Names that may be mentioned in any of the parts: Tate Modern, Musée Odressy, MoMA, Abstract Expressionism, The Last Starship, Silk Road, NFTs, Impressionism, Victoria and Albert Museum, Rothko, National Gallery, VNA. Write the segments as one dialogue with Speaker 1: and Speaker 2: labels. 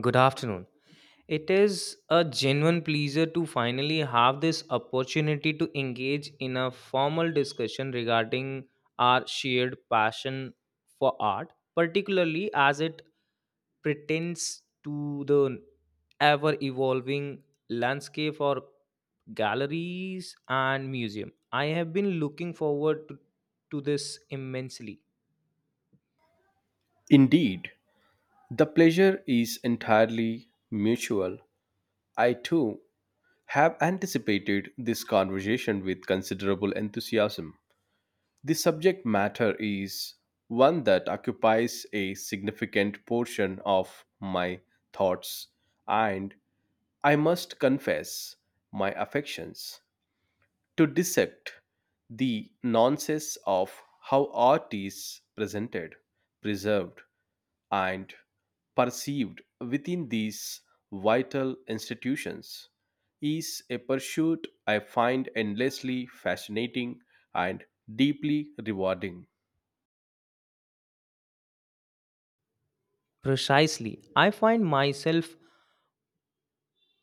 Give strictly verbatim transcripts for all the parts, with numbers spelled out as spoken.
Speaker 1: Good afternoon. It is a genuine pleasure to finally have this opportunity to engage in a formal discussion regarding our shared passion for art, particularly as it pertains to the ever evolving landscape for galleries and museum. I have been looking forward to, to this immensely.
Speaker 2: Indeed, the pleasure is entirely mutual. I too have anticipated this conversation with considerable enthusiasm. The subject matter is one that occupies a significant portion of my thoughts and, I must confess, my affections. To dissect the nonsense of how art is presented, preserved, and perceived within these vital institutions is a pursuit I find endlessly fascinating and deeply rewarding.
Speaker 1: Precisely. I find myself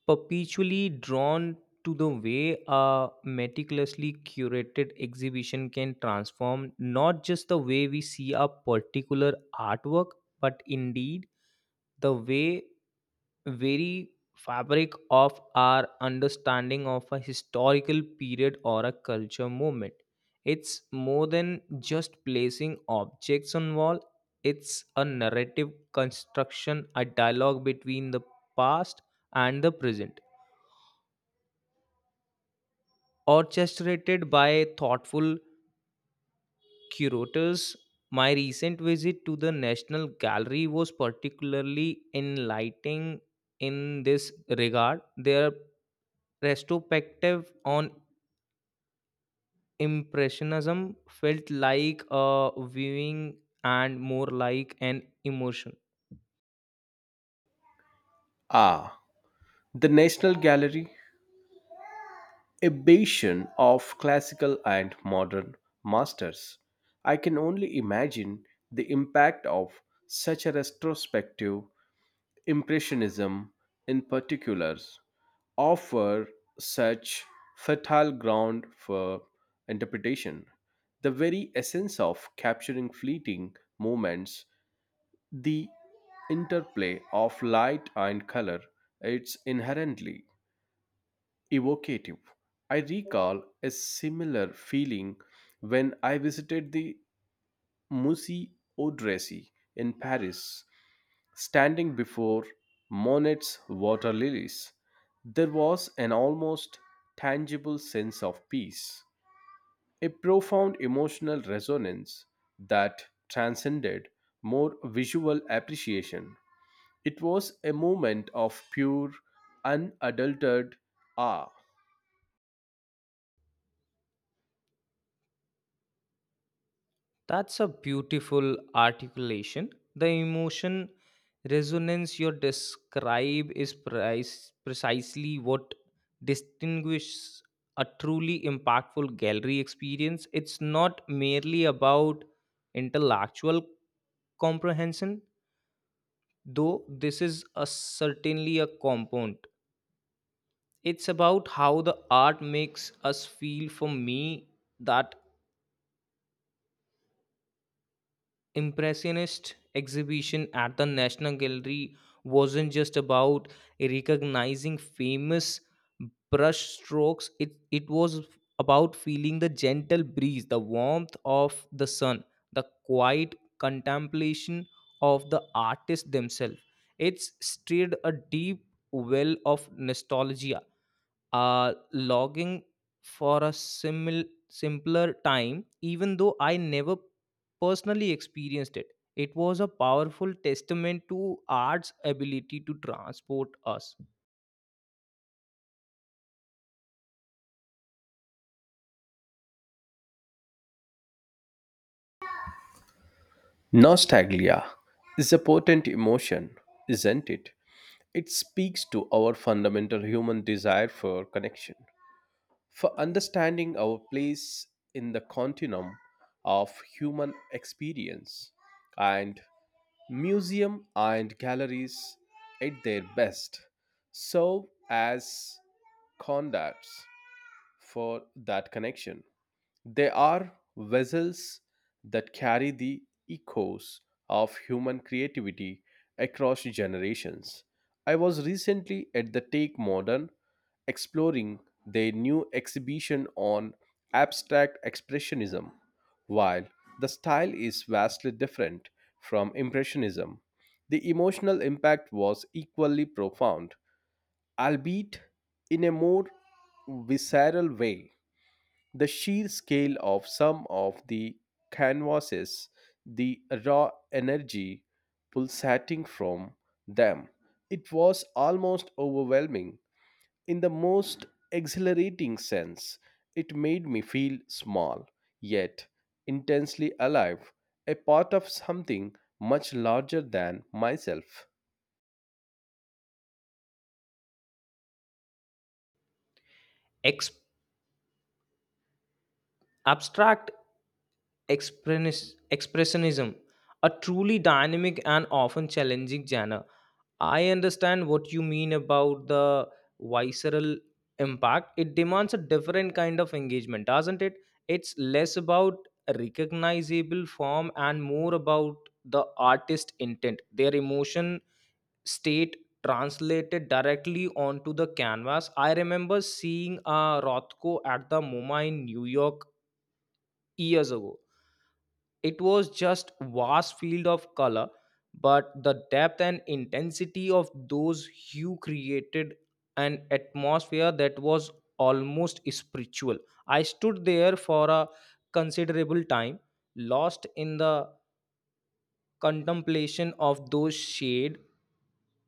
Speaker 1: perpetually drawn to the way a meticulously curated exhibition can transform not just the way we see a particular artwork, but indeed the way very fabric of our understanding of a historical period or a culture movement. It's more than just placing objects on wall. It's a narrative construction, a dialogue between the past and the present, orchestrated by thoughtful curators. My recent visit to the National Gallery was particularly enlightening in this regard. Their retrospective on Impressionism felt like a viewing and more like an emotion.
Speaker 2: Ah, the National Gallery, a bastion of classical and modern masters. I can only imagine the impact of such a retrospective. Impressionism, in particular, offer such fertile ground for interpretation. The very essence of capturing fleeting moments, the interplay of light and color, it's inherently evocative. I recall a similar feeling when I visited the Musée Odressy in Paris. Standing before Monet's water lilies, there was an almost tangible sense of peace, a profound emotional resonance that transcended more visual appreciation. It was a moment of pure, unadulterated awe.
Speaker 1: That's a beautiful articulation. The emotion resonance you describe is price, precisely what distinguishes a truly impactful gallery experience. It's not merely about intellectual comprehension, though this is a certainly a component. It's about how the art makes us feel. For me, that Impressionist exhibition at the National Gallery wasn't just about recognizing famous brush strokes, it, it was about feeling the gentle breeze, the warmth of the sun, the quiet contemplation of the artist themselves. It's stirred a deep well of nostalgia, uh, logging for a simil- simpler time, even though I never personally experienced it. It was a powerful testament to art's ability to transport us.
Speaker 2: Nostalgia is a potent emotion, isn't it? It speaks to our fundamental human desire for connection. For understanding our place in the continuum of human experience, and museum and galleries at their best serve as conducts for that connection. They are vessels that carry the echoes of human creativity across generations. I was recently at the Take Modern exploring their new exhibition on abstract expressionism. While the style is vastly different from Impressionism, the emotional impact was equally profound, albeit in a more visceral way. The sheer scale of some of the canvases, the raw energy pulsating from them, it was almost overwhelming. In the most exhilarating sense, it made me feel small, yet intensely alive, a part of something much larger than myself.
Speaker 1: Ex- Abstract Expressionis- expressionism, a truly dynamic and often challenging genre. I understand what you mean about the visceral impact. It demands a different kind of engagement, doesn't it? It's less about a recognizable form and more about the artist intent, their emotion state translated directly onto the canvas. I remember seeing a Rothko at the MoMA in New York years ago. It was just vast field of color, but the depth and intensity of those hue created an atmosphere that was almost spiritual. I stood there for a considerable time, lost in the contemplation of those shade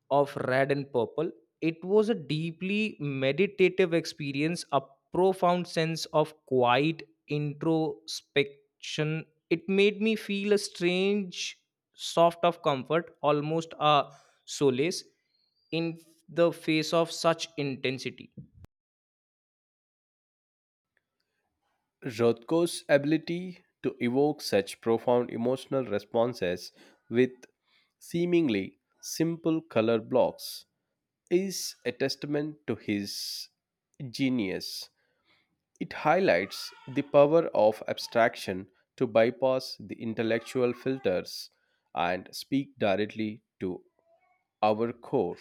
Speaker 1: of red and purple. It was a deeply meditative experience, a profound sense of quiet introspection. It made me feel a strange soft of comfort, almost a solace in the face of such intensity.
Speaker 2: Rothko's ability to evoke such profound emotional responses with seemingly simple color blocks is a testament to his genius. It highlights the power of abstraction to bypass the intellectual filters and speak directly to our core.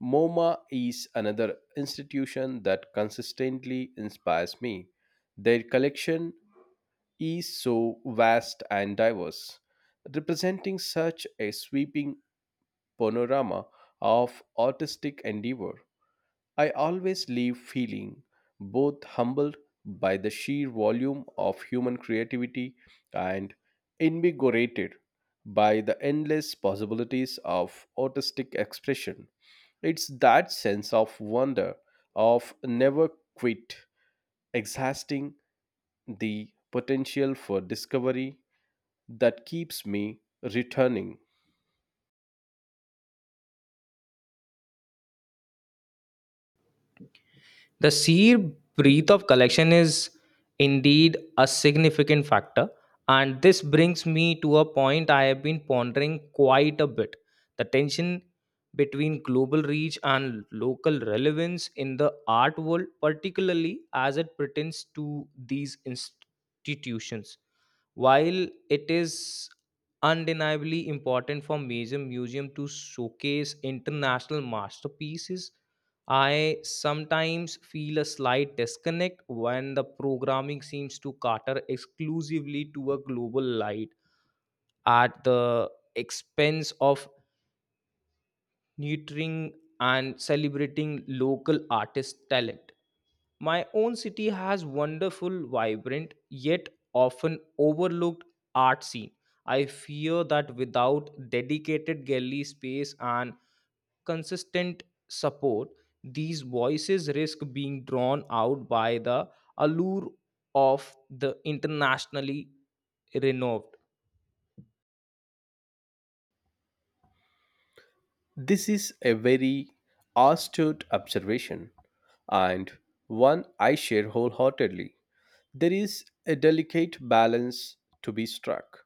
Speaker 2: MoMA is another institution that consistently inspires me. Their collection is so vast and diverse, representing such a sweeping panorama of artistic endeavor. I always leave feeling both humbled by the sheer volume of human creativity and invigorated by the endless possibilities of artistic expression. It's that sense of wonder, of never quit, exhausting the potential for discovery that keeps me returning.
Speaker 1: The sheer breadth of collection is indeed a significant factor, and this brings me to a point I have been pondering quite a bit: the tension between global reach and local relevance in the art world, particularly as it pertains to these institutions. While it is undeniably important for major museum to showcase international masterpieces, I sometimes feel a slight disconnect when the programming seems to cater exclusively to a global light at the expense of nurturing and celebrating local artist talent. My own city has wonderful, vibrant, yet often overlooked art scene. I fear that without dedicated gallery space and consistent support, these voices risk being drawn out by the allure of the internationally renowned.
Speaker 2: This is a very astute observation and one I share wholeheartedly. There is a delicate balance to be struck.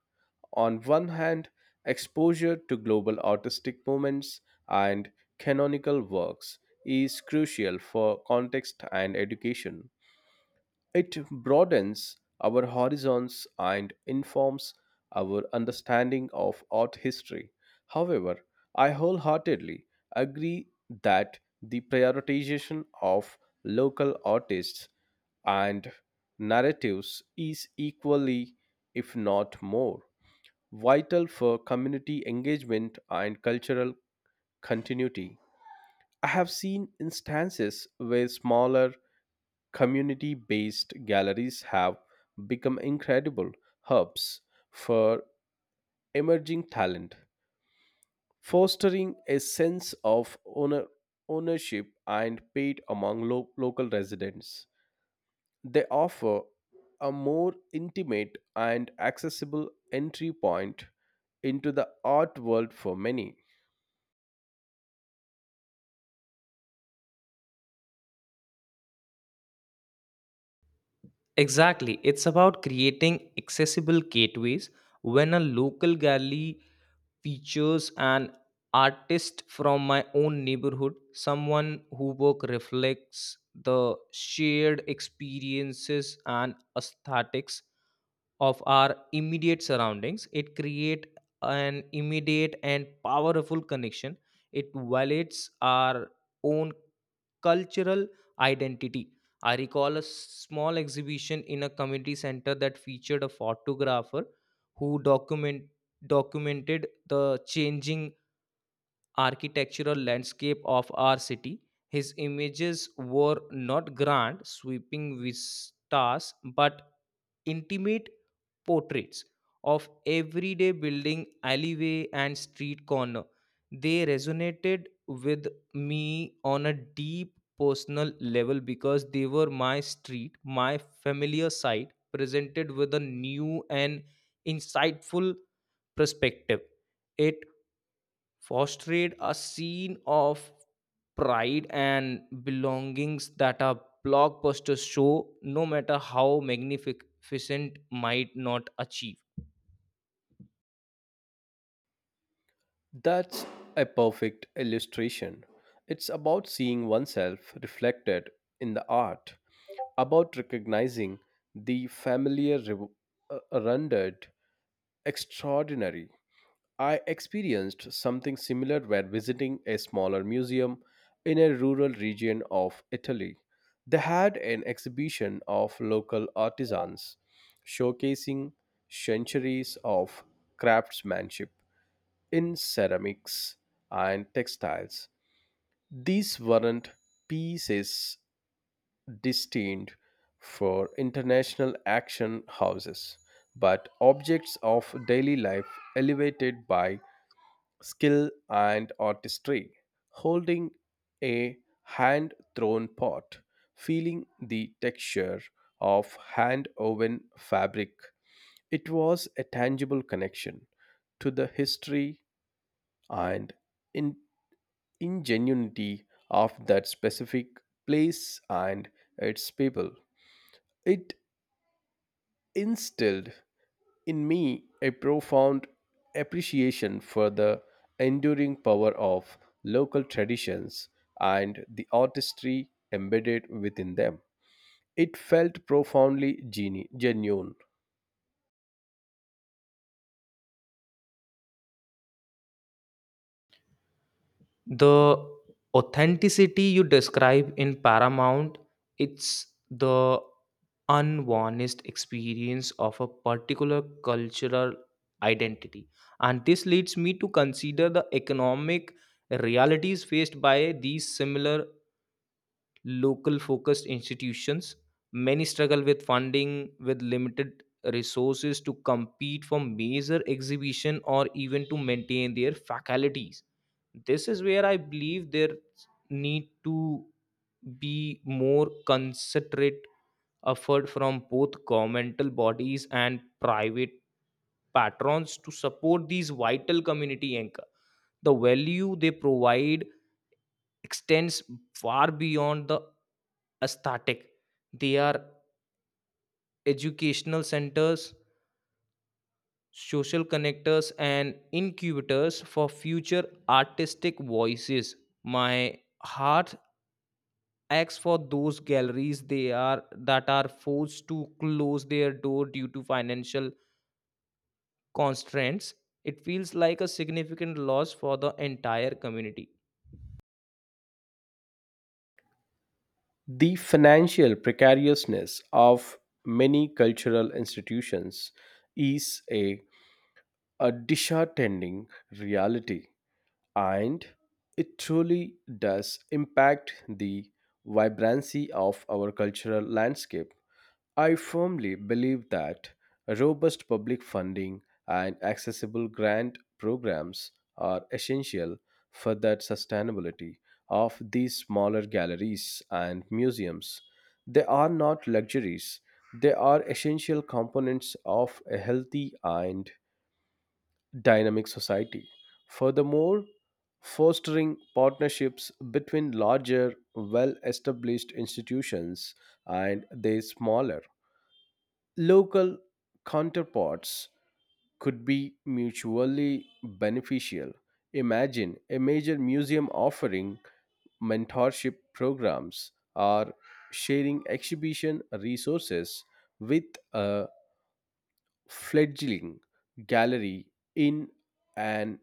Speaker 2: On one hand, exposure to global artistic movements and canonical works is crucial for context and education. It broadens our horizons and informs our understanding of art history. However, I wholeheartedly agree that the prioritization of local artists and narratives is equally, if not more, vital for community engagement and cultural continuity. I have seen instances where smaller community based galleries have become incredible hubs for emerging talent, fostering a sense of owner- ownership and pride among lo- local residents. They offer a more intimate and accessible entry point into the art world for many.
Speaker 1: Exactly. It's about creating accessible gateways. When a local gallery features an artist from my own neighborhood, someone whose work reflects the shared experiences and aesthetics of our immediate surroundings, it creates an immediate and powerful connection. It validates our own cultural identity. I recall a small exhibition in a community center that featured a photographer who document documented the changing architectural landscape of our city. His images were not grand, sweeping vistas, but intimate portraits of everyday building, alleyway, and street corner. They resonated with me on a deep personal level because they were my street, my familiar side, presented with a new and insightful perspective. It fostered a scene of pride and belongings that a blockbuster show, no matter how magnificent, might not achieve.
Speaker 2: That's a perfect illustration. It's about seeing oneself reflected in the art, about recognizing the familiar re- uh, rendered extraordinary. I experienced something similar when visiting a smaller museum in a rural region of Italy. They had an exhibition of local artisans showcasing centuries of craftsmanship in ceramics and textiles. These weren't pieces destined for international action houses, but objects of daily life elevated by skill and artistry, holding a hand thrown pot, feeling the texture of hand woven fabric. It was a tangible connection to the history and in ingenuity of that specific place and its people. It instilled in me a profound appreciation for the enduring power of local traditions and the artistry embedded within them. It felt profoundly geni- genuine.
Speaker 1: The authenticity you describe in Paramount, it's the unvarnished experience of a particular cultural identity. And this leads me to consider the economic realities faced by these similar local focused institutions. Many struggle with funding, with limited resources to compete for major exhibition or even to maintain their faculties. This is where I believe there need to be more considerate effort from both governmental bodies and private patrons to support these vital community anchor. The value they provide extends far beyond the aesthetic. They are educational centers, social connectors, and incubators for future artistic voices. My heart aches for those galleries they are that are forced to close their door due to financial constraints. It feels like a significant loss for the entire community.
Speaker 2: The financial precariousness of many cultural institutions is a, a disheartening reality and it truly does impact the vibrancy of our cultural landscape. I firmly believe that robust public funding and accessible grant programs are essential for that sustainability of these smaller galleries and museums. They are not luxuries, they are essential components of a healthy and dynamic society. Furthermore, fostering partnerships between larger, well established institutions and their smaller, local counterparts could be mutually beneficial. Imagine a major museum offering mentorship programs or sharing exhibition resources with a fledgling gallery in an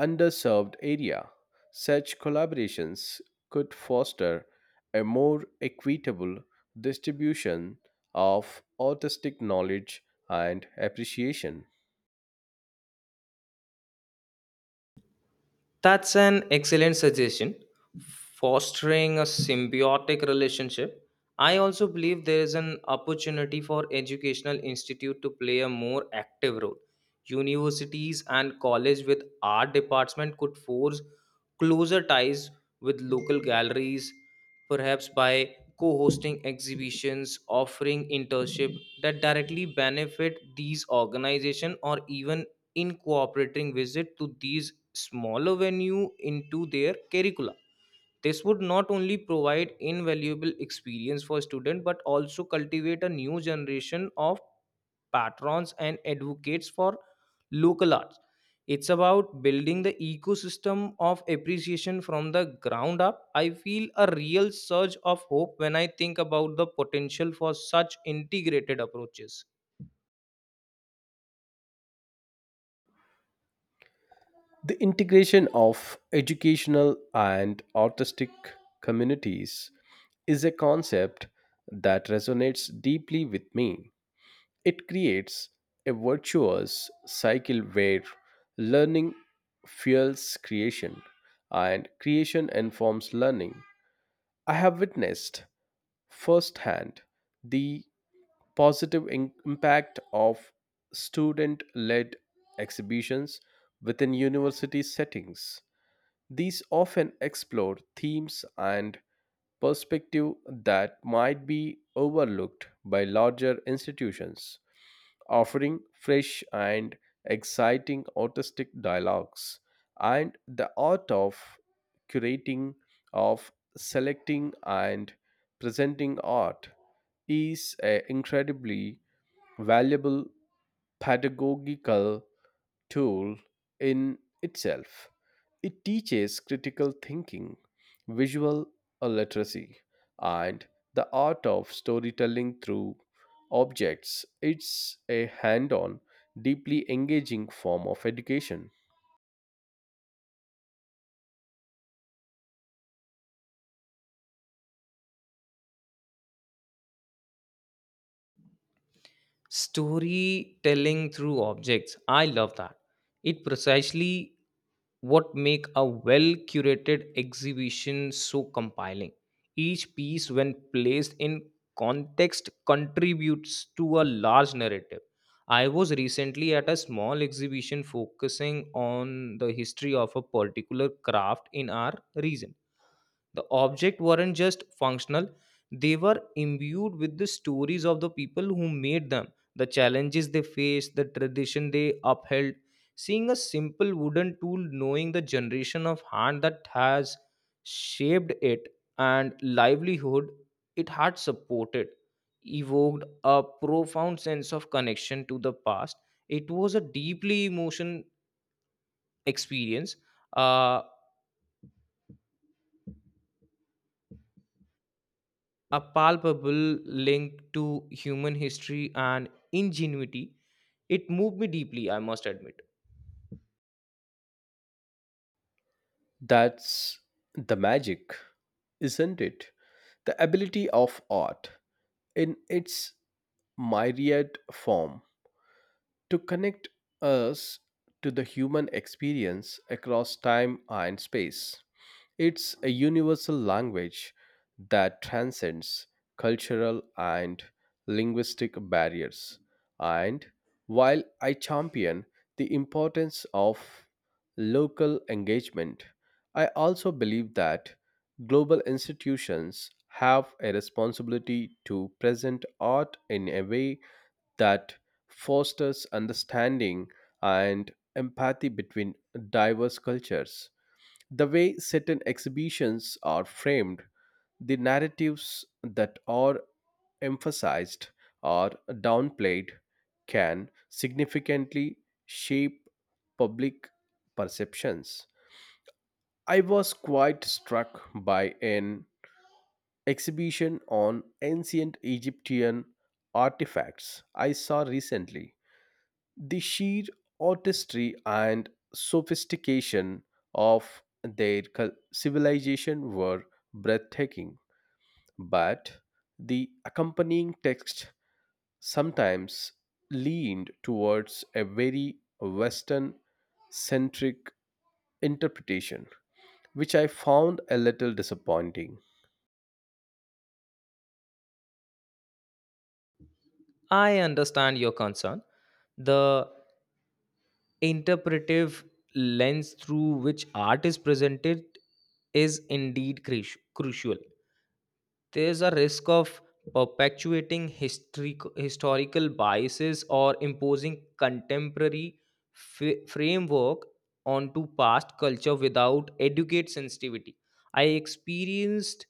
Speaker 2: underserved area. Such collaborations could foster a more equitable distribution of autistic knowledge and appreciation.
Speaker 1: That's an excellent suggestion. Fostering a symbiotic relationship. I also believe there is an opportunity for educational institute to play a more active role. Universities and college with art department could force closer ties with local galleries, perhaps by co-hosting exhibitions, offering internship that directly benefit these organizations, or even incorporating visit to these smaller venue into their curricula. This would not only provide invaluable experience for students but also cultivate a new generation of patrons and advocates for local arts. It's about building the ecosystem of appreciation from the ground up. I feel a real surge of hope when I think about the potential for such integrated approaches.
Speaker 2: The integration of educational and autistic communities is a concept that resonates deeply with me. It creates a virtuous cycle where learning fuels creation and creation informs learning. I have witnessed firsthand the positive in- impact of student led exhibitions within university settings. These often explore themes and perspective that might be overlooked by larger institutions, offering fresh and exciting artistic dialogues, and the art of curating, of selecting and presenting art, is an incredibly valuable pedagogical tool in itself. It teaches critical thinking, visual literacy, and the art of storytelling through objects. It's a hand on, deeply engaging form of education.
Speaker 1: Storytelling through objects, I love that. It precisely what make a well curated exhibition so compelling. Each piece, when placed in context, contributes to a large narrative. I was recently at a small exhibition focusing on the history of a particular craft in our region. The objects weren't just functional, they were imbued with the stories of the people who made them, the challenges they faced, the tradition they upheld. Seeing a simple wooden tool, knowing the generation of hand that has shaped it and livelihood it had supported, evoked a profound sense of connection to the past. It was a deeply emotional experience. Uh, a palpable link to human history and ingenuity. It moved me deeply, I must admit.
Speaker 2: That's the magic, isn't it? The ability of art in its myriad form to connect us to the human experience across time and space. It's a universal language that transcends cultural and linguistic barriers. And while I champion the importance of local engagement, I also believe that global institutions have a responsibility to present art in a way that fosters understanding and empathy between diverse cultures. The way certain exhibitions are framed, the narratives that are emphasized or downplayed, can significantly shape public perceptions. I was quite struck by an exhibition on ancient Egyptian artifacts I saw recently. The sheer artistry and sophistication of their cul- civilization were breathtaking, but the accompanying text sometimes leaned towards a very Western centric interpretation, which I found a little disappointing.
Speaker 1: I understand your concern. The interpretive lens through which art is presented is indeed cruci- crucial. There's a risk of perpetuating history, historical biases or imposing contemporary f- framework onto past culture without educate sensitivity. I experienced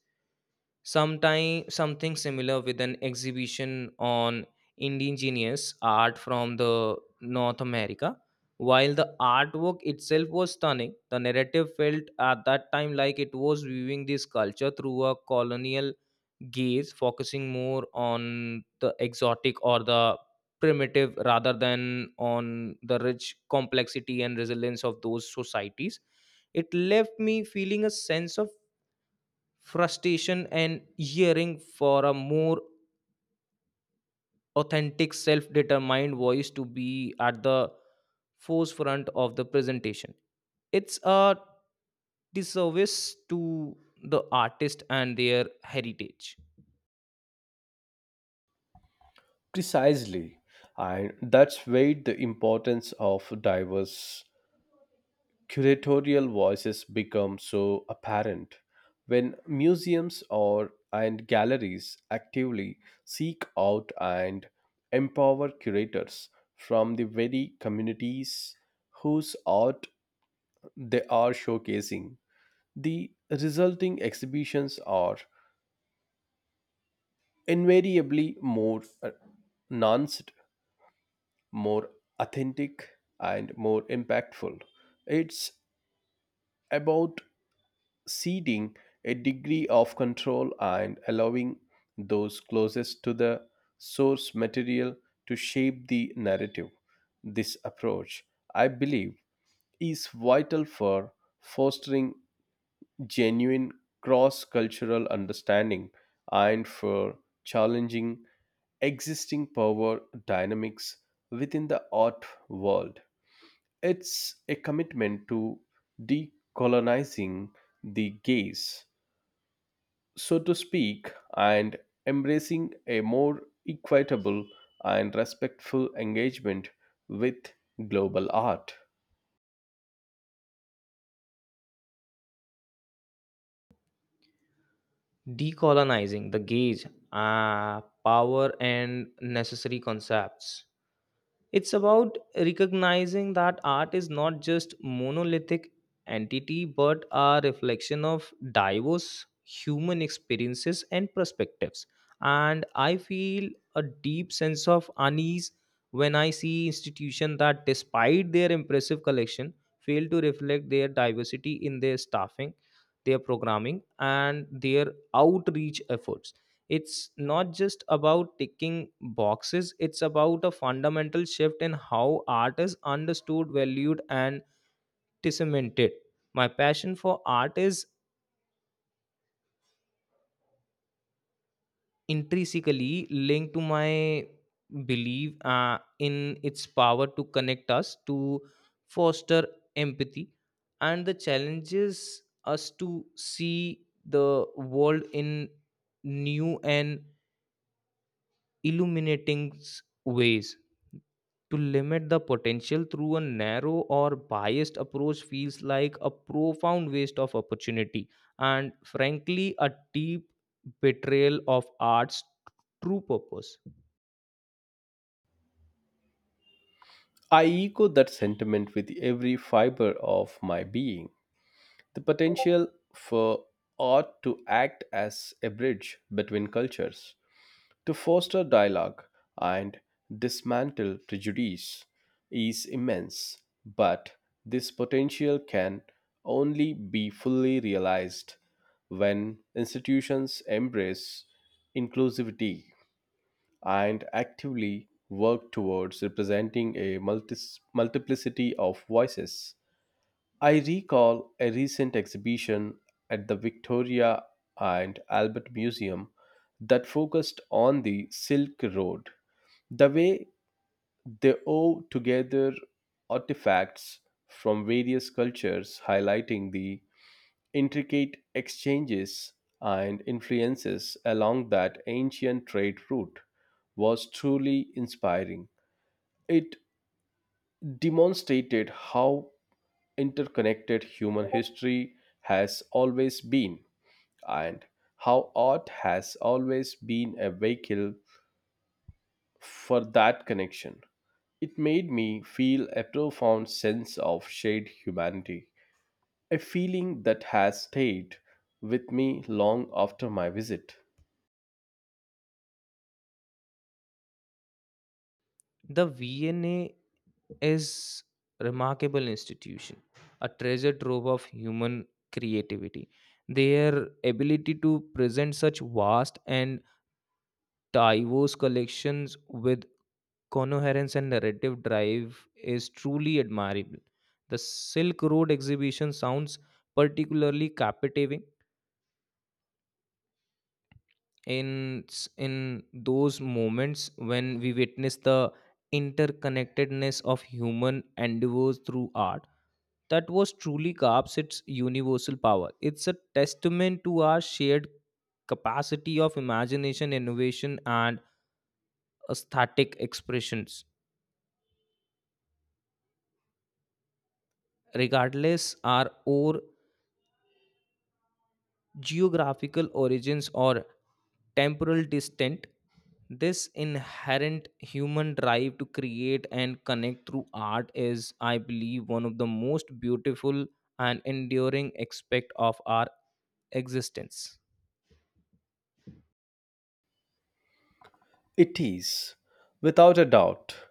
Speaker 1: sometime something similar with an exhibition on indigenous art from the north america. While the artwork itself was stunning, the narrative felt at that time like it was viewing this culture through a colonial gaze, focusing more on the exotic or the primitive rather than on the rich complexity and resilience of those societies. It left me feeling a sense of frustration and yearning for a more authentic self-determined voice to be at the forefront of the presentation. It's a disservice to the artist and their heritage.
Speaker 2: Precisely, and that's where the importance of diverse curatorial voices become so apparent. When museums or and galleries actively seek out and empower curators from the very communities whose art they are showcasing, the resulting exhibitions are invariably more uh, nuanced, more authentic, and more impactful. It's about ceding a degree of control and allowing those closest to the source material to shape the narrative. This approach, I believe, is vital for fostering genuine cross cultural understanding and for challenging existing power dynamics within the art world. It's a commitment to decolonizing the gaze, so to speak, and embracing a more equitable and respectful engagement with global art.
Speaker 1: Decolonizing the gauge, uh, power and necessary concepts. It's about recognizing that art is not just monolithic entity but a reflection of diverse human experiences and perspectives. And I feel a deep sense of unease when I see institutions that, despite their impressive collection, fail to reflect their diversity in their staffing, their programming and their outreach efforts. It's not just about ticking boxes. It's about a fundamental shift in how art is understood, valued and disseminated. My passion for art is intrinsically linked to my belief, uh, in its power to connect us, to foster empathy, and the challenges us to see the world in new and illuminating s- ways. To limit the potential through a narrow or biased approach feels like a profound waste of opportunity and, frankly, a deep betrayal of art's true purpose.
Speaker 2: I echo that sentiment with every fiber of my being. The potential for art to act as a bridge between cultures, to foster dialogue and dismantle prejudice is immense, but this potential can only be fully realized when institutions embrace inclusivity and actively work towards representing a multi- multiplicity of voices. I recall a recent exhibition at the Victoria and Albert Museum that focused on the Silk Road. The way they wove together artifacts from various cultures, highlighting the intricate exchanges and influences along that ancient trade route, was truly inspiring. It demonstrated how interconnected human history has always been, and how art has always been a vehicle for that connection. It made me feel a profound sense of shared humanity, a feeling that has stayed with me long after my visit.
Speaker 1: The V N A is a is remarkable institution, a treasure trove of human creativity. Their ability to present such vast and diverse collections with coherence and narrative drive is truly admirable. The Silk Road exhibition sounds particularly captivating in in those moments when we witness the interconnectedness of human endeavors through art. That was truly Garp's its universal power. It's a testament to our shared capacity of imagination, innovation, and aesthetic expressions regardless our or geographical origins or temporal distant. This inherent human drive to create and connect through art is, I believe, one of the most beautiful and enduring aspect of our existence.
Speaker 2: It is, without a doubt,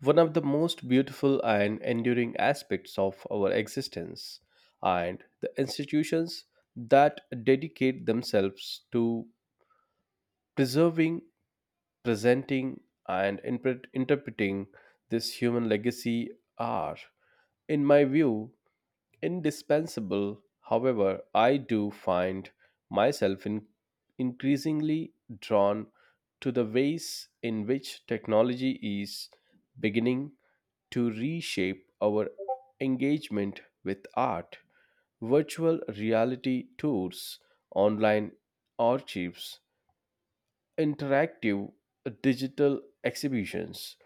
Speaker 2: one of the most beautiful and enduring aspects of our existence, and the institutions that dedicate themselves to preserving, presenting, and interpret- interpreting this human legacy are, in my view, indispensable. However, I do find myself in increasingly drawn to the ways in which technology is beginning to reshape our engagement with art. Virtual reality tours, online archives, interactive digital exhibitions.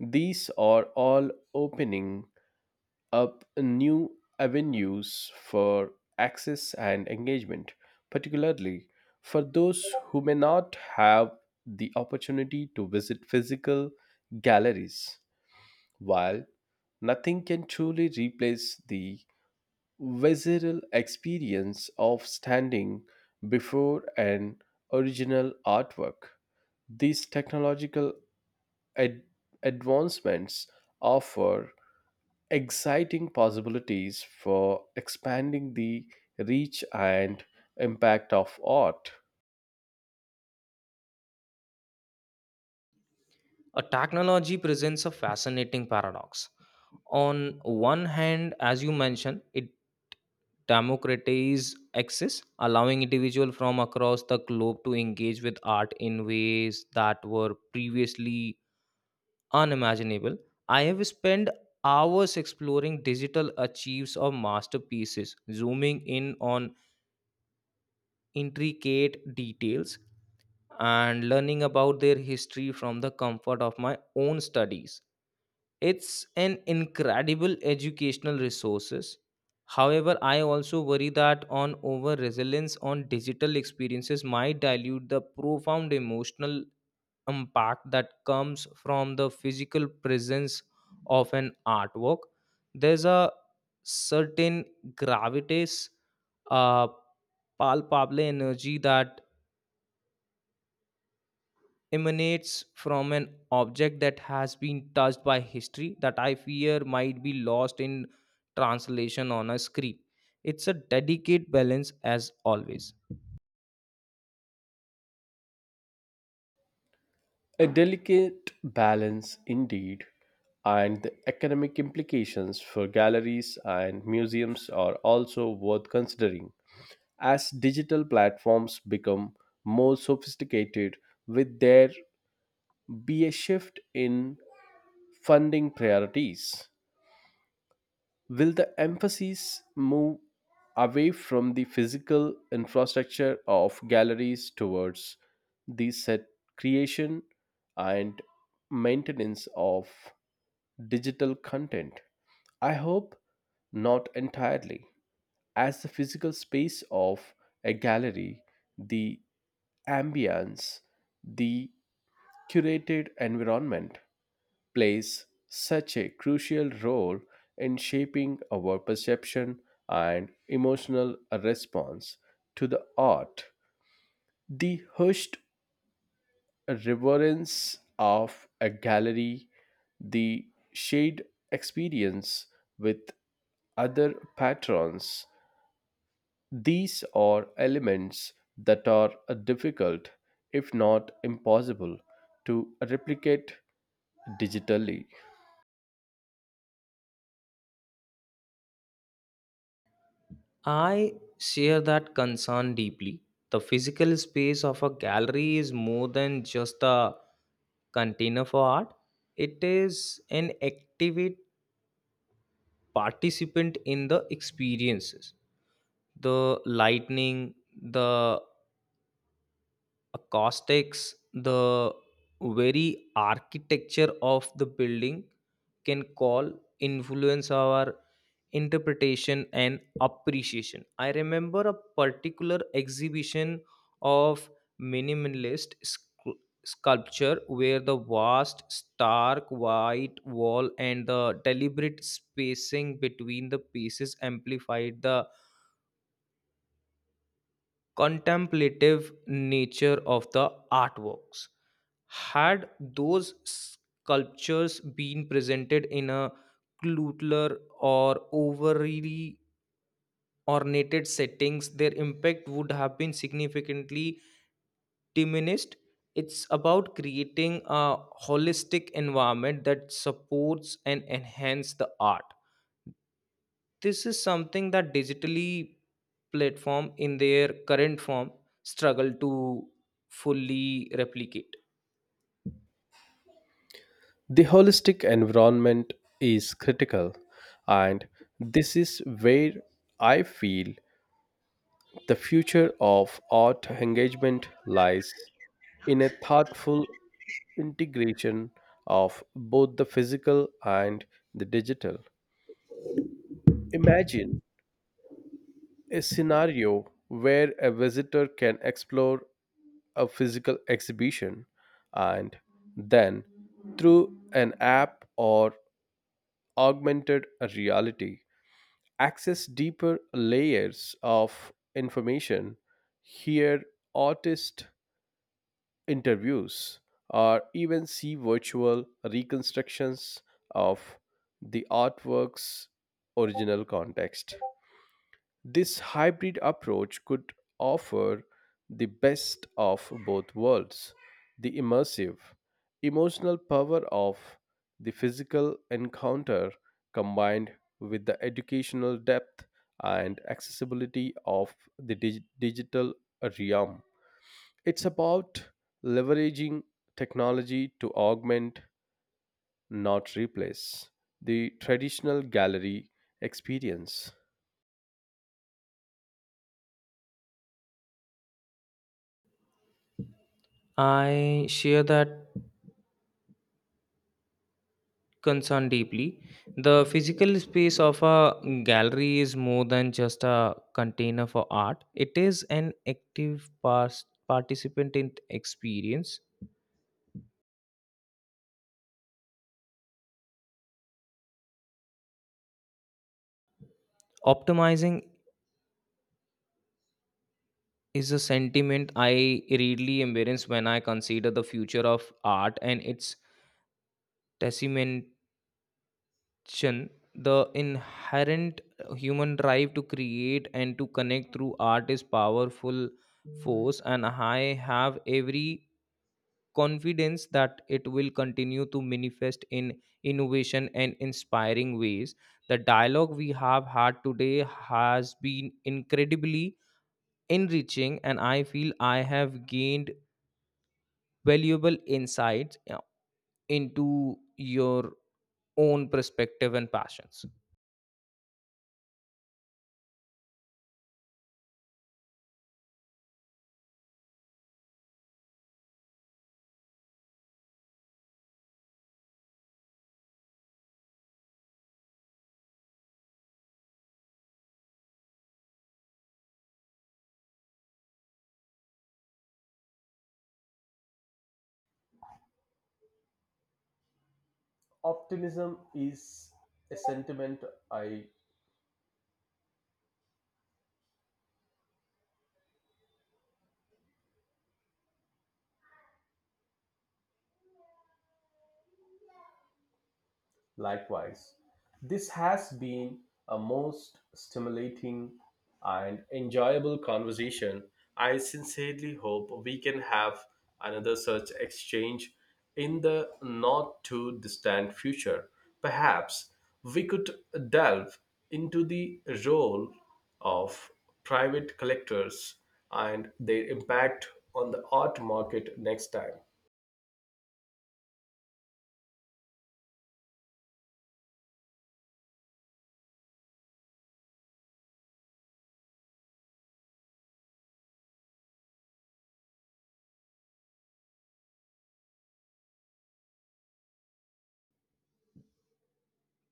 Speaker 2: These are all opening up new avenues for access and engagement, particularly for those who may not have the opportunity to visit physical galleries. While nothing can truly replace the visceral experience of standing before an original artwork, these technological ad- advancements offer exciting possibilities for expanding the reach and impact of art.
Speaker 1: A technology presents a fascinating paradox. On one hand, as you mentioned, it democratize access, allowing individuals from across the globe to engage with art in ways that were previously unimaginable. I have spent hours exploring digital archives of masterpieces, zooming in on intricate details and learning about their history from the comfort of my own studies. It's an incredible educational resources. However, I also worry that on over resilience on digital experiences might dilute the profound emotional impact that comes from the physical presence of an artwork. There's a certain gravitas, uh palpable energy that emanates from an object that has been touched by history, that I fear might be lost in translation on a screen. It's a delicate balance, as always.
Speaker 2: A delicate balance indeed, and the economic implications for galleries and museums are also worth considering. As digital platforms become more sophisticated, with there be a shift in funding priorities. Will the emphasis move away from the physical infrastructure of galleries towards the set creation and maintenance of digital content? I hope not entirely. As the physical space of a gallery, the ambience, the curated environment, plays such a crucial role in shaping our perception and emotional response to the art. The hushed reverence of a gallery, the shared experience with other patrons, these are elements that are difficult, if not impossible, to replicate digitally.
Speaker 1: I share that concern deeply. The physical space of a gallery is more than just a container for art, it is an active participant in the experiences the lightning the acoustics, the very architecture of the building can call influence our interpretation and appreciation. I remember a particular exhibition of minimalist scu- sculpture where the vast, stark white wall and the deliberate spacing between the pieces amplified the contemplative nature of the artworks. Had those sculptures been presented in a cluttered or overly ornated settings, their impact would have been significantly diminished. It's about creating a holistic environment that supports and enhances the art this is something that digitally platform in their current form struggle to fully replicate.
Speaker 2: The holistic environment is critical, and this is where I feel the future of art engagement lies, in a thoughtful integration of both the physical and the digital. Imagine a scenario where a visitor can explore a physical exhibition and then, through an app or augmented reality, access deeper layers of information, hear artist interviews, or even see virtual reconstructions of the artwork's original context. This hybrid approach could offer the best of both worlds, the immersive, emotional power of the physical encounter combined with the educational depth and accessibility of the dig- digital realm. It's about leveraging technology to augment, not replace, the traditional gallery experience.
Speaker 1: I share that concern deeply. The physical space of a gallery is more than just a container for art, it is an active past participant in experience optimizing is a sentiment I really embrace when I consider the future of art and its testament Chen, the inherent human drive to create and to connect through art is powerful force, and I have every confidence that it will continue to manifest in innovation and inspiring ways. The dialogue we have had today has been incredibly enriching, and I feel I have gained valuable insights uh, into your own perspective and passions.
Speaker 2: Optimism is a sentiment I likewise. This has been a most stimulating and enjoyable conversation. I sincerely hope we can have another such exchange in the not too distant future. Perhaps we could delve into the role of private collectors and their impact on the art market next time.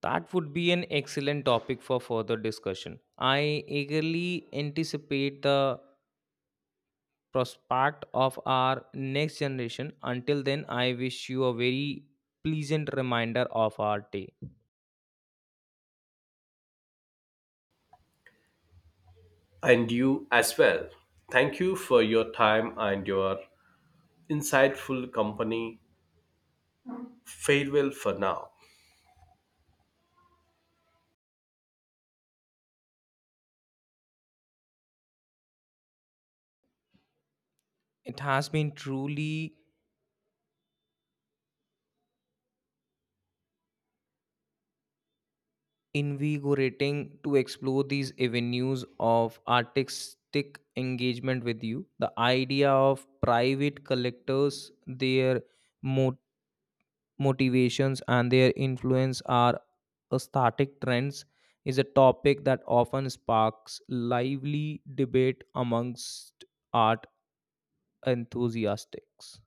Speaker 1: That would be an excellent topic for further discussion. I eagerly anticipate the prospect of our next generation. Until then, I wish you a very pleasant reminder of our day.
Speaker 2: And you as well. Thank you for your time and your insightful company. Farewell for now.
Speaker 1: It has been truly invigorating to explore these avenues of artistic engagement with you. The idea of private collectors, their motivations and their influence are aesthetic trends is a topic that often sparks lively debate amongst art enthusiasts.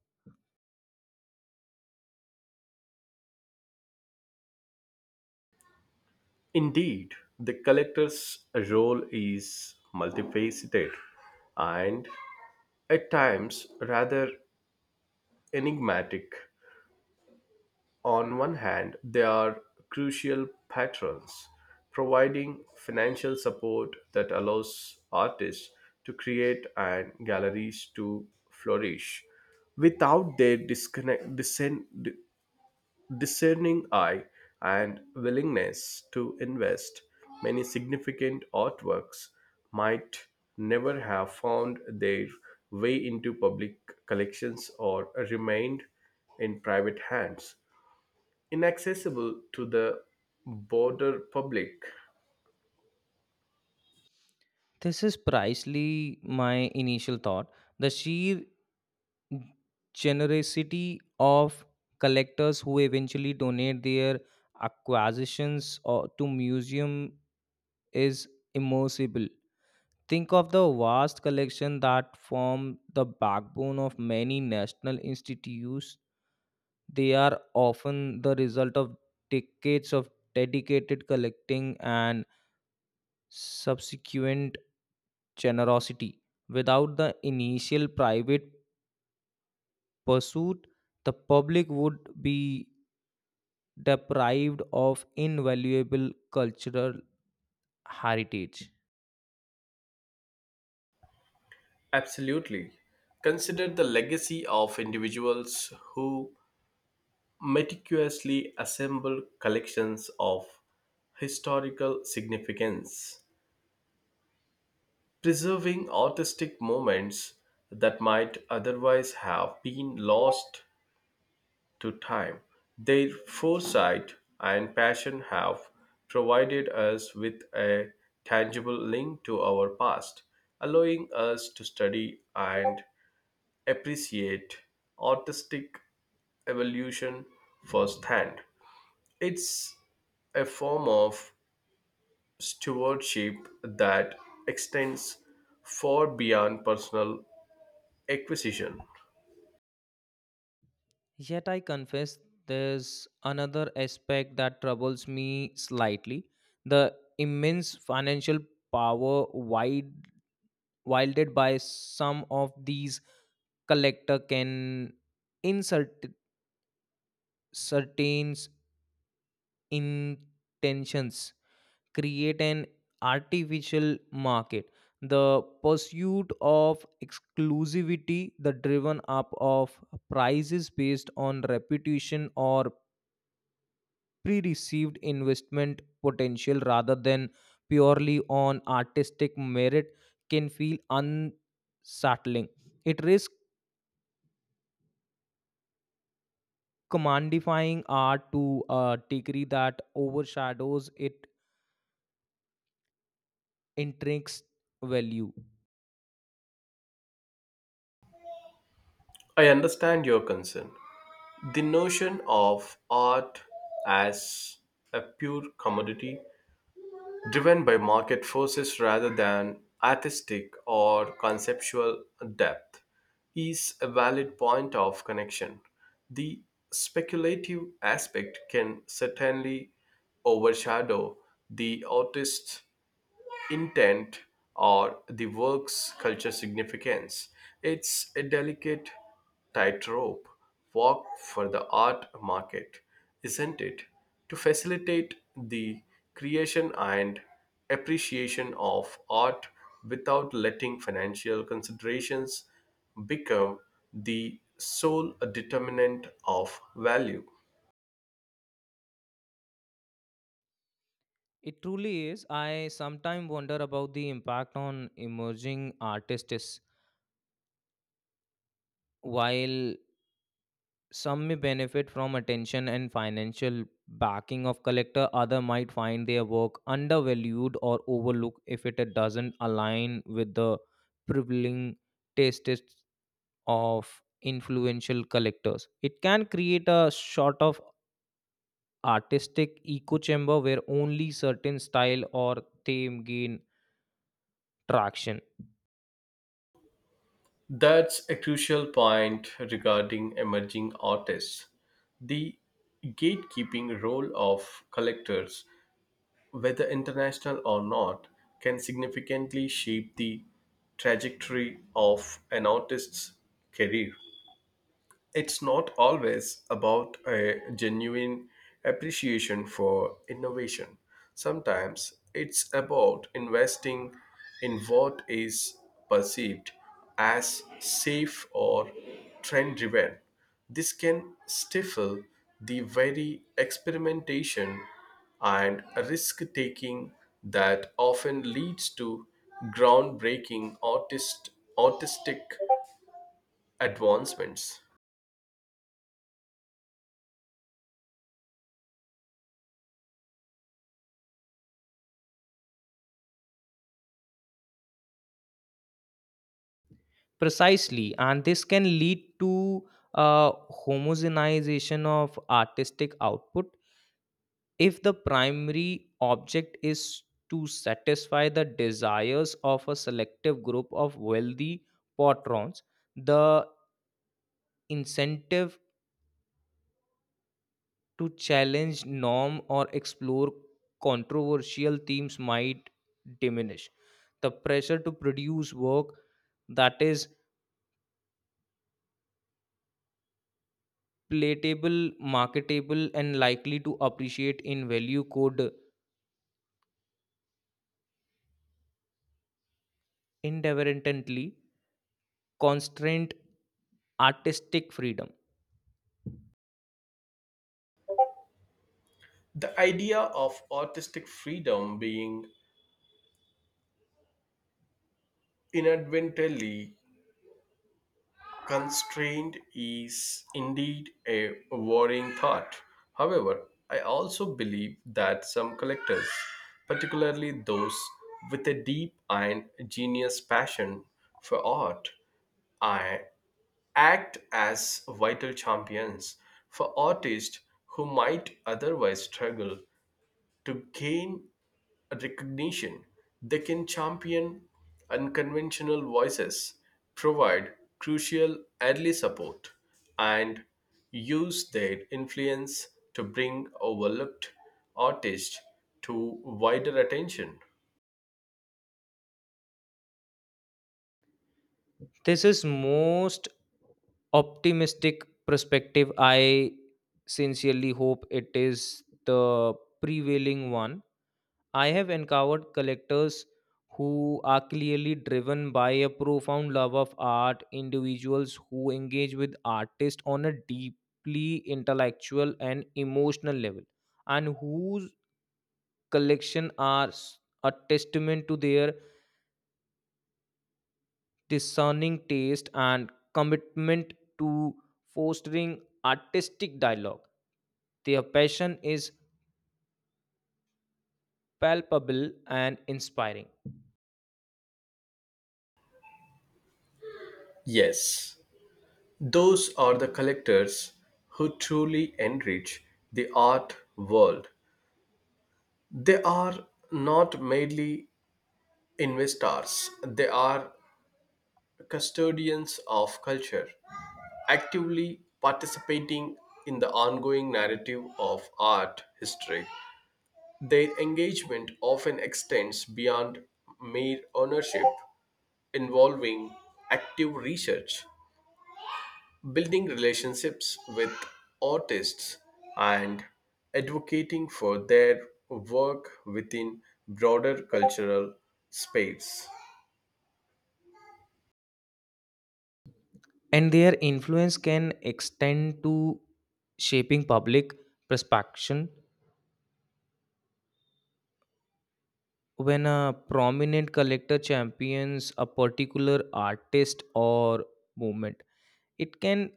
Speaker 2: Indeed, the collector's role is multifaceted and at times rather enigmatic. On one hand, they are crucial patrons, providing financial support that allows artists to create and galleries to flourish. Without their disconnect, discern, di- discerning eye and willingness to invest, many significant artworks might never have found their way into public collections or remained in private hands inaccessible to the broader public.
Speaker 1: This is precisely my initial thought. The sheer generosity of collectors who eventually donate their acquisitions or to museum is immersible. Think of the vast collection that form the backbone of many national institutes. They are often the result of decades of dedicated collecting and subsequent generosity. Without the initial private pursuit, the public would be deprived of invaluable cultural heritage.
Speaker 2: Absolutely. Consider the legacy of individuals who meticulously assemble collections of historical significance, preserving artistic moments that might otherwise have been lost to time. Their foresight and passion have provided us with a tangible link to our past, allowing us to study and appreciate artistic evolution firsthand. It's a form of stewardship that extends far beyond personal acquisition.
Speaker 1: Yet I confess there's another aspect that troubles me slightly the immense financial power wild, wielded by some of these collector can insert certain intentions create an artificial market the pursuit of exclusivity the driven up of prices based on reputation or pre received investment potential rather than purely on artistic merit can feel unsettling. It risks commodifying art to a degree that overshadows its intrinsic value.
Speaker 2: I understand your concern. The notion of art as a pure commodity driven by market forces rather than artistic or conceptual depth is a valid point of connection. The speculative aspect can certainly overshadow the artist's intent or the work's culture significance. It's a delicate tightrope walk for the art market, isn't it? To facilitate the creation and appreciation of art without letting financial considerations become the sole determinant of value.
Speaker 1: It truly is. I sometimes wonder about the impact on emerging artists. While some may benefit from attention and financial backing of collector, other might find their work undervalued or overlooked if it doesn't align with the prevailing tastes of influential collectors. It can create a sort of artistic echo chamber where only certain style or theme gain traction.
Speaker 2: That's a crucial point regarding emerging artists. The gatekeeping role of collectors, whether international or not, can significantly shape the trajectory of an artist's career. It's not always about a genuine appreciation for innovation. Sometimes it's about investing in what is perceived as safe or trend driven. This can stifle the very experimentation and risk taking that often leads to groundbreaking artist, artistic advancements.
Speaker 1: Precisely, and this can lead to a homogenization of artistic output if the primary object is to satisfy the desires of a selective group of wealthy patrons, the incentive to challenge norm or explore controversial themes might diminish. The pressure to produce work that is palatable, marketable, and likely to appreciate in value could inadvertently constrain artistic freedom.
Speaker 2: The idea of artistic freedom being inadvertently constrained is indeed a worrying thought. However, I also believe that some collectors, particularly those with a deep and genius passion for art, I act as vital champions for artists who might otherwise struggle to gain recognition. They can champion unconventional voices, provide crucial early support, and use their influence to bring overlooked artists to wider attention.
Speaker 1: This is most optimistic perspective. I sincerely hope it is the prevailing one. I have encountered collectors who are clearly driven by a profound love of art, individuals who engage with artists on a deeply intellectual and emotional level, and whose collection are s- a testament to their discerning taste and commitment to fostering artistic dialogue. Their passion is palpable and inspiring,
Speaker 2: Yes, those are the collectors who truly enrich the art world. They are not merely investors, they are custodians of culture, actively participating in the ongoing narrative of art history. Their engagement often extends beyond mere ownership, involving active research, building relationships with artists, and advocating for their work within broader cultural space.
Speaker 1: and their influence can extend to shaping public perception. When a prominent collector champions a particular artist or movement, it can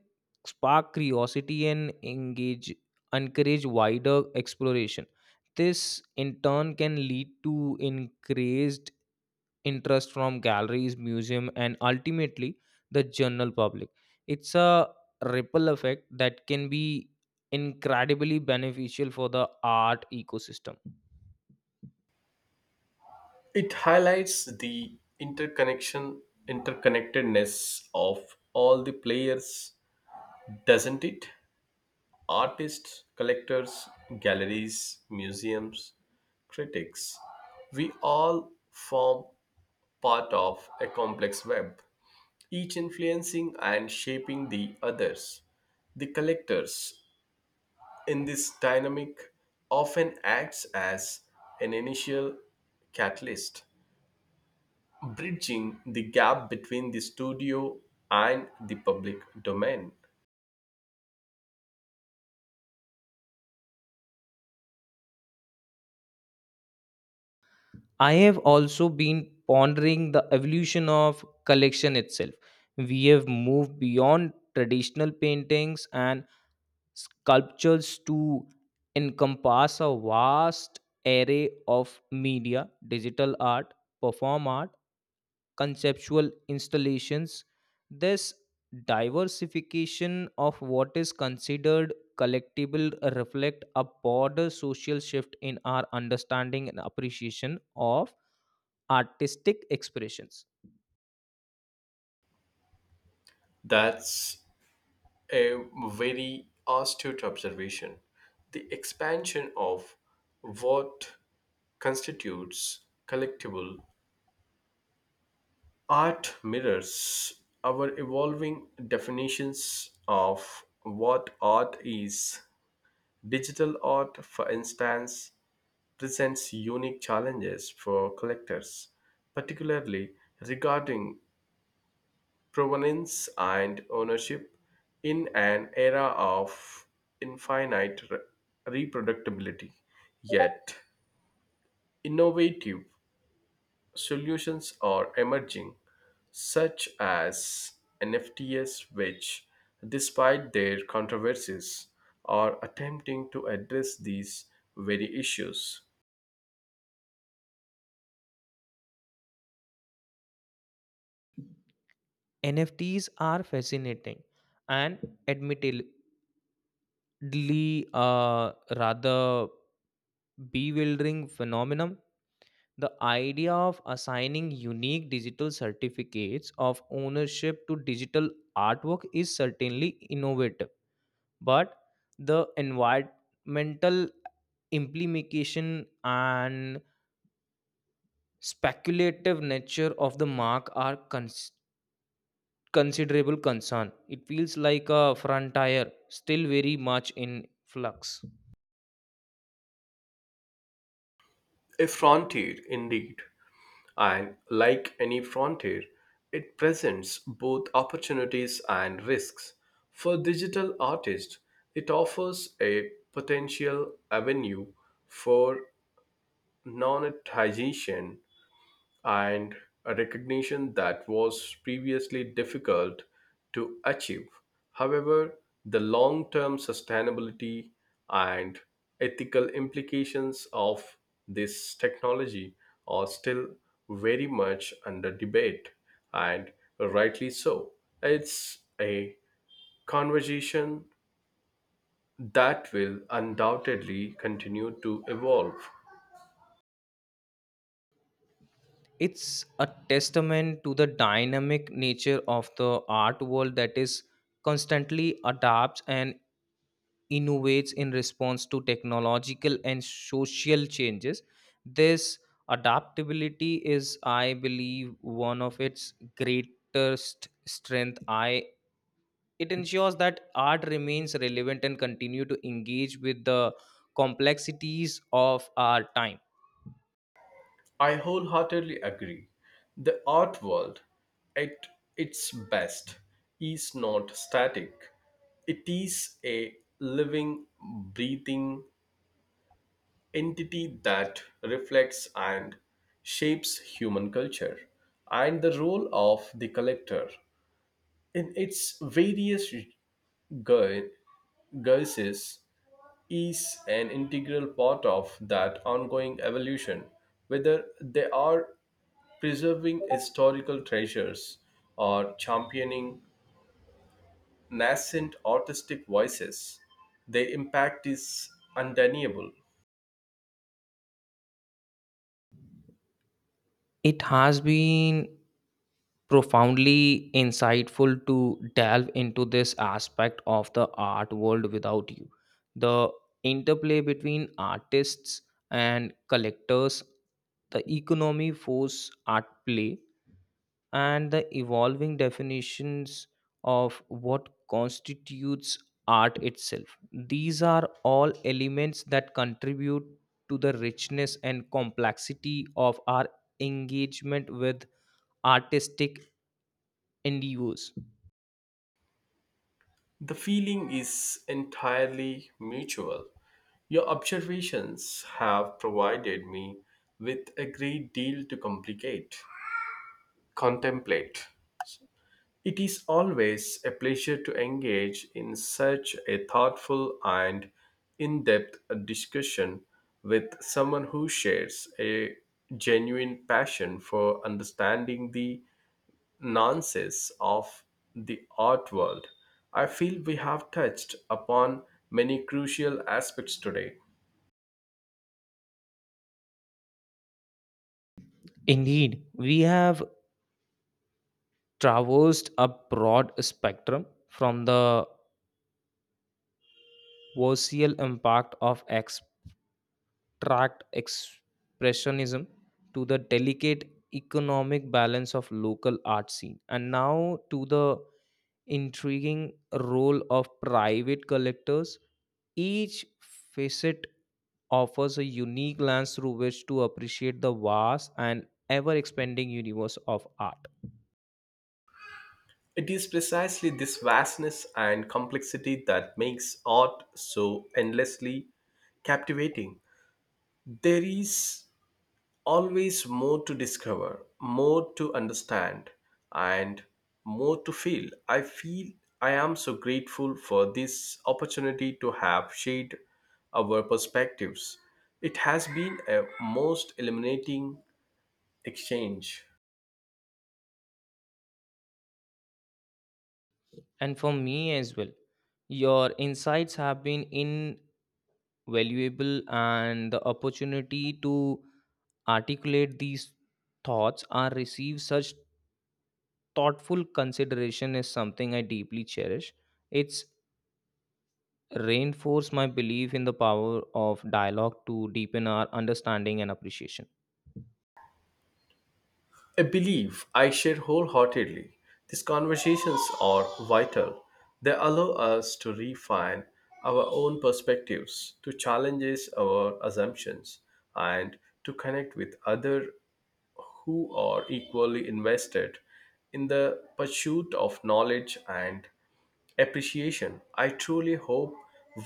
Speaker 1: spark curiosity and engage encourage wider exploration. This in turn can lead to increased interest from galleries, museum, and ultimately the general public. It's a ripple effect that can be incredibly beneficial for the art ecosystem.
Speaker 2: It highlights the interconnection, interconnectedness of all the players, doesn't it? Artists, collectors, galleries, museums, critics. We all form part of a complex web, each influencing and shaping the others. The collectors in this dynamic often acts as an initial catalyst bridging the gap between the studio and the public domain.
Speaker 1: I have also been pondering the evolution of collection itself. We have moved beyond traditional paintings and sculptures to encompass a vast array of media digital art perform art conceptual installations this diversification of what is considered collectible reflect a broader social shift in our understanding and appreciation of artistic expressions.
Speaker 2: That's a very astute observation. The expansion of what constitutes collectible art mirrors our evolving definitions of what art is. Digital art, for instance, presents unique challenges for collectors, particularly regarding provenance and ownership in an era of infinite re- reproductibility. Yet, innovative solutions are emerging, such as N F Ts, which, despite their controversies, are attempting to address these very issues.
Speaker 1: N F Ts are fascinating and admittedly Lee, uh, rather bewildering phenomenon. The idea of assigning unique digital certificates of ownership to digital artwork is certainly innovative, but the environmental implication and speculative nature of the mark are cons- considerable concern. It feels like a frontier still very much in flux.
Speaker 2: A frontier, indeed. And like any frontier, it presents both opportunities and risks. For digital artists, it offers a potential avenue for monetization and a recognition that was previously difficult to achieve. However, the long term sustainability and ethical implications of this technology are still very much under debate, and rightly so. It's a conversation that will undoubtedly continue to evolve.
Speaker 1: It's a testament to the dynamic nature of the art world that is constantly adapts and innovates in response to technological and social changes. This adaptability is, I believe, one of its greatest strength. I it ensures that art remains relevant and continue to engage with the complexities of our time.
Speaker 2: I wholeheartedly agree. The art world, at its best, is not static. It is a living, breathing entity that reflects and shapes human culture. And the role of the collector in its various gu- guises is an integral part of that ongoing evolution, whether they are preserving historical treasures, or championing nascent artistic voices. Their impact is undeniable.
Speaker 1: It has been profoundly insightful to delve into this aspect of the art world without you. The interplay between artists and collectors, the economy force at play, and the evolving definitions of what constitutes art itself. These are all elements that contribute to the richness and complexity of our engagement with artistic N D Os.
Speaker 2: The feeling is entirely mutual. Your observations have provided me with a great deal to complicate, contemplate. It is always a pleasure to engage in such a thoughtful and in depth discussion with someone who shares a genuine passion for understanding the nuances of the art world. I feel we have touched upon many crucial aspects today.
Speaker 1: Indeed, we have traversed a broad spectrum from the social impact of abstract expressionism to the delicate economic balance of local art scene and now to the intriguing role of private collectors each facet offers a unique lens through which to appreciate the vast and ever expanding universe of art.
Speaker 2: It is precisely this vastness and complexity that makes art so endlessly captivating. There is always more to discover, more to understand, and more to feel. I feel I am so grateful for this opportunity to have shared our perspectives. It has been a most illuminating exchange.
Speaker 1: And for me as well, your insights have been invaluable, and the opportunity to articulate these thoughts or receive such thoughtful consideration is something I deeply cherish. It's reinforced my belief in the power of dialogue to deepen our understanding and appreciation.
Speaker 2: A belief I share wholeheartedly. These conversations are vital. They allow us to refine our own perspectives, to challenge our assumptions, and to connect with others who are equally invested in the pursuit of knowledge and appreciation. I truly hope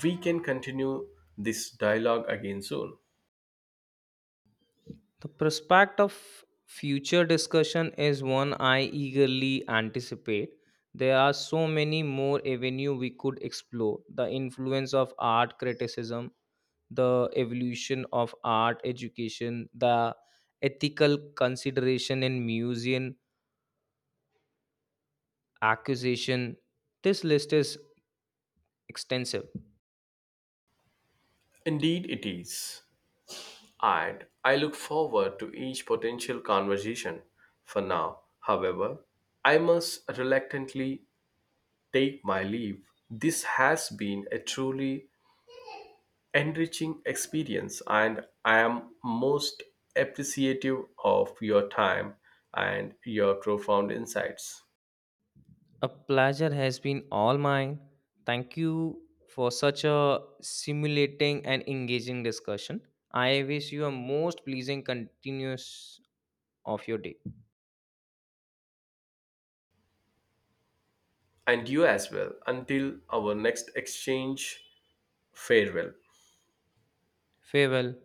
Speaker 2: we can continue this dialogue again soon.
Speaker 1: The prospect of future discussion is one I eagerly anticipate. There are so many more avenues we could explore the influence of art criticism, the evolution of art education, the ethical consideration in museum acquisition. This list is extensive.
Speaker 2: Indeed, it is. And I look forward to each potential conversation. For now, however, I must reluctantly take my leave. This has been a truly enriching experience, and I am most appreciative of your time and your profound insights.
Speaker 1: A pleasure has been all mine. Thank you for such a stimulating and engaging discussion. I wish you a most pleasing continuous of your day.
Speaker 2: And you as well. Until our next exchange, farewell.
Speaker 1: Farewell.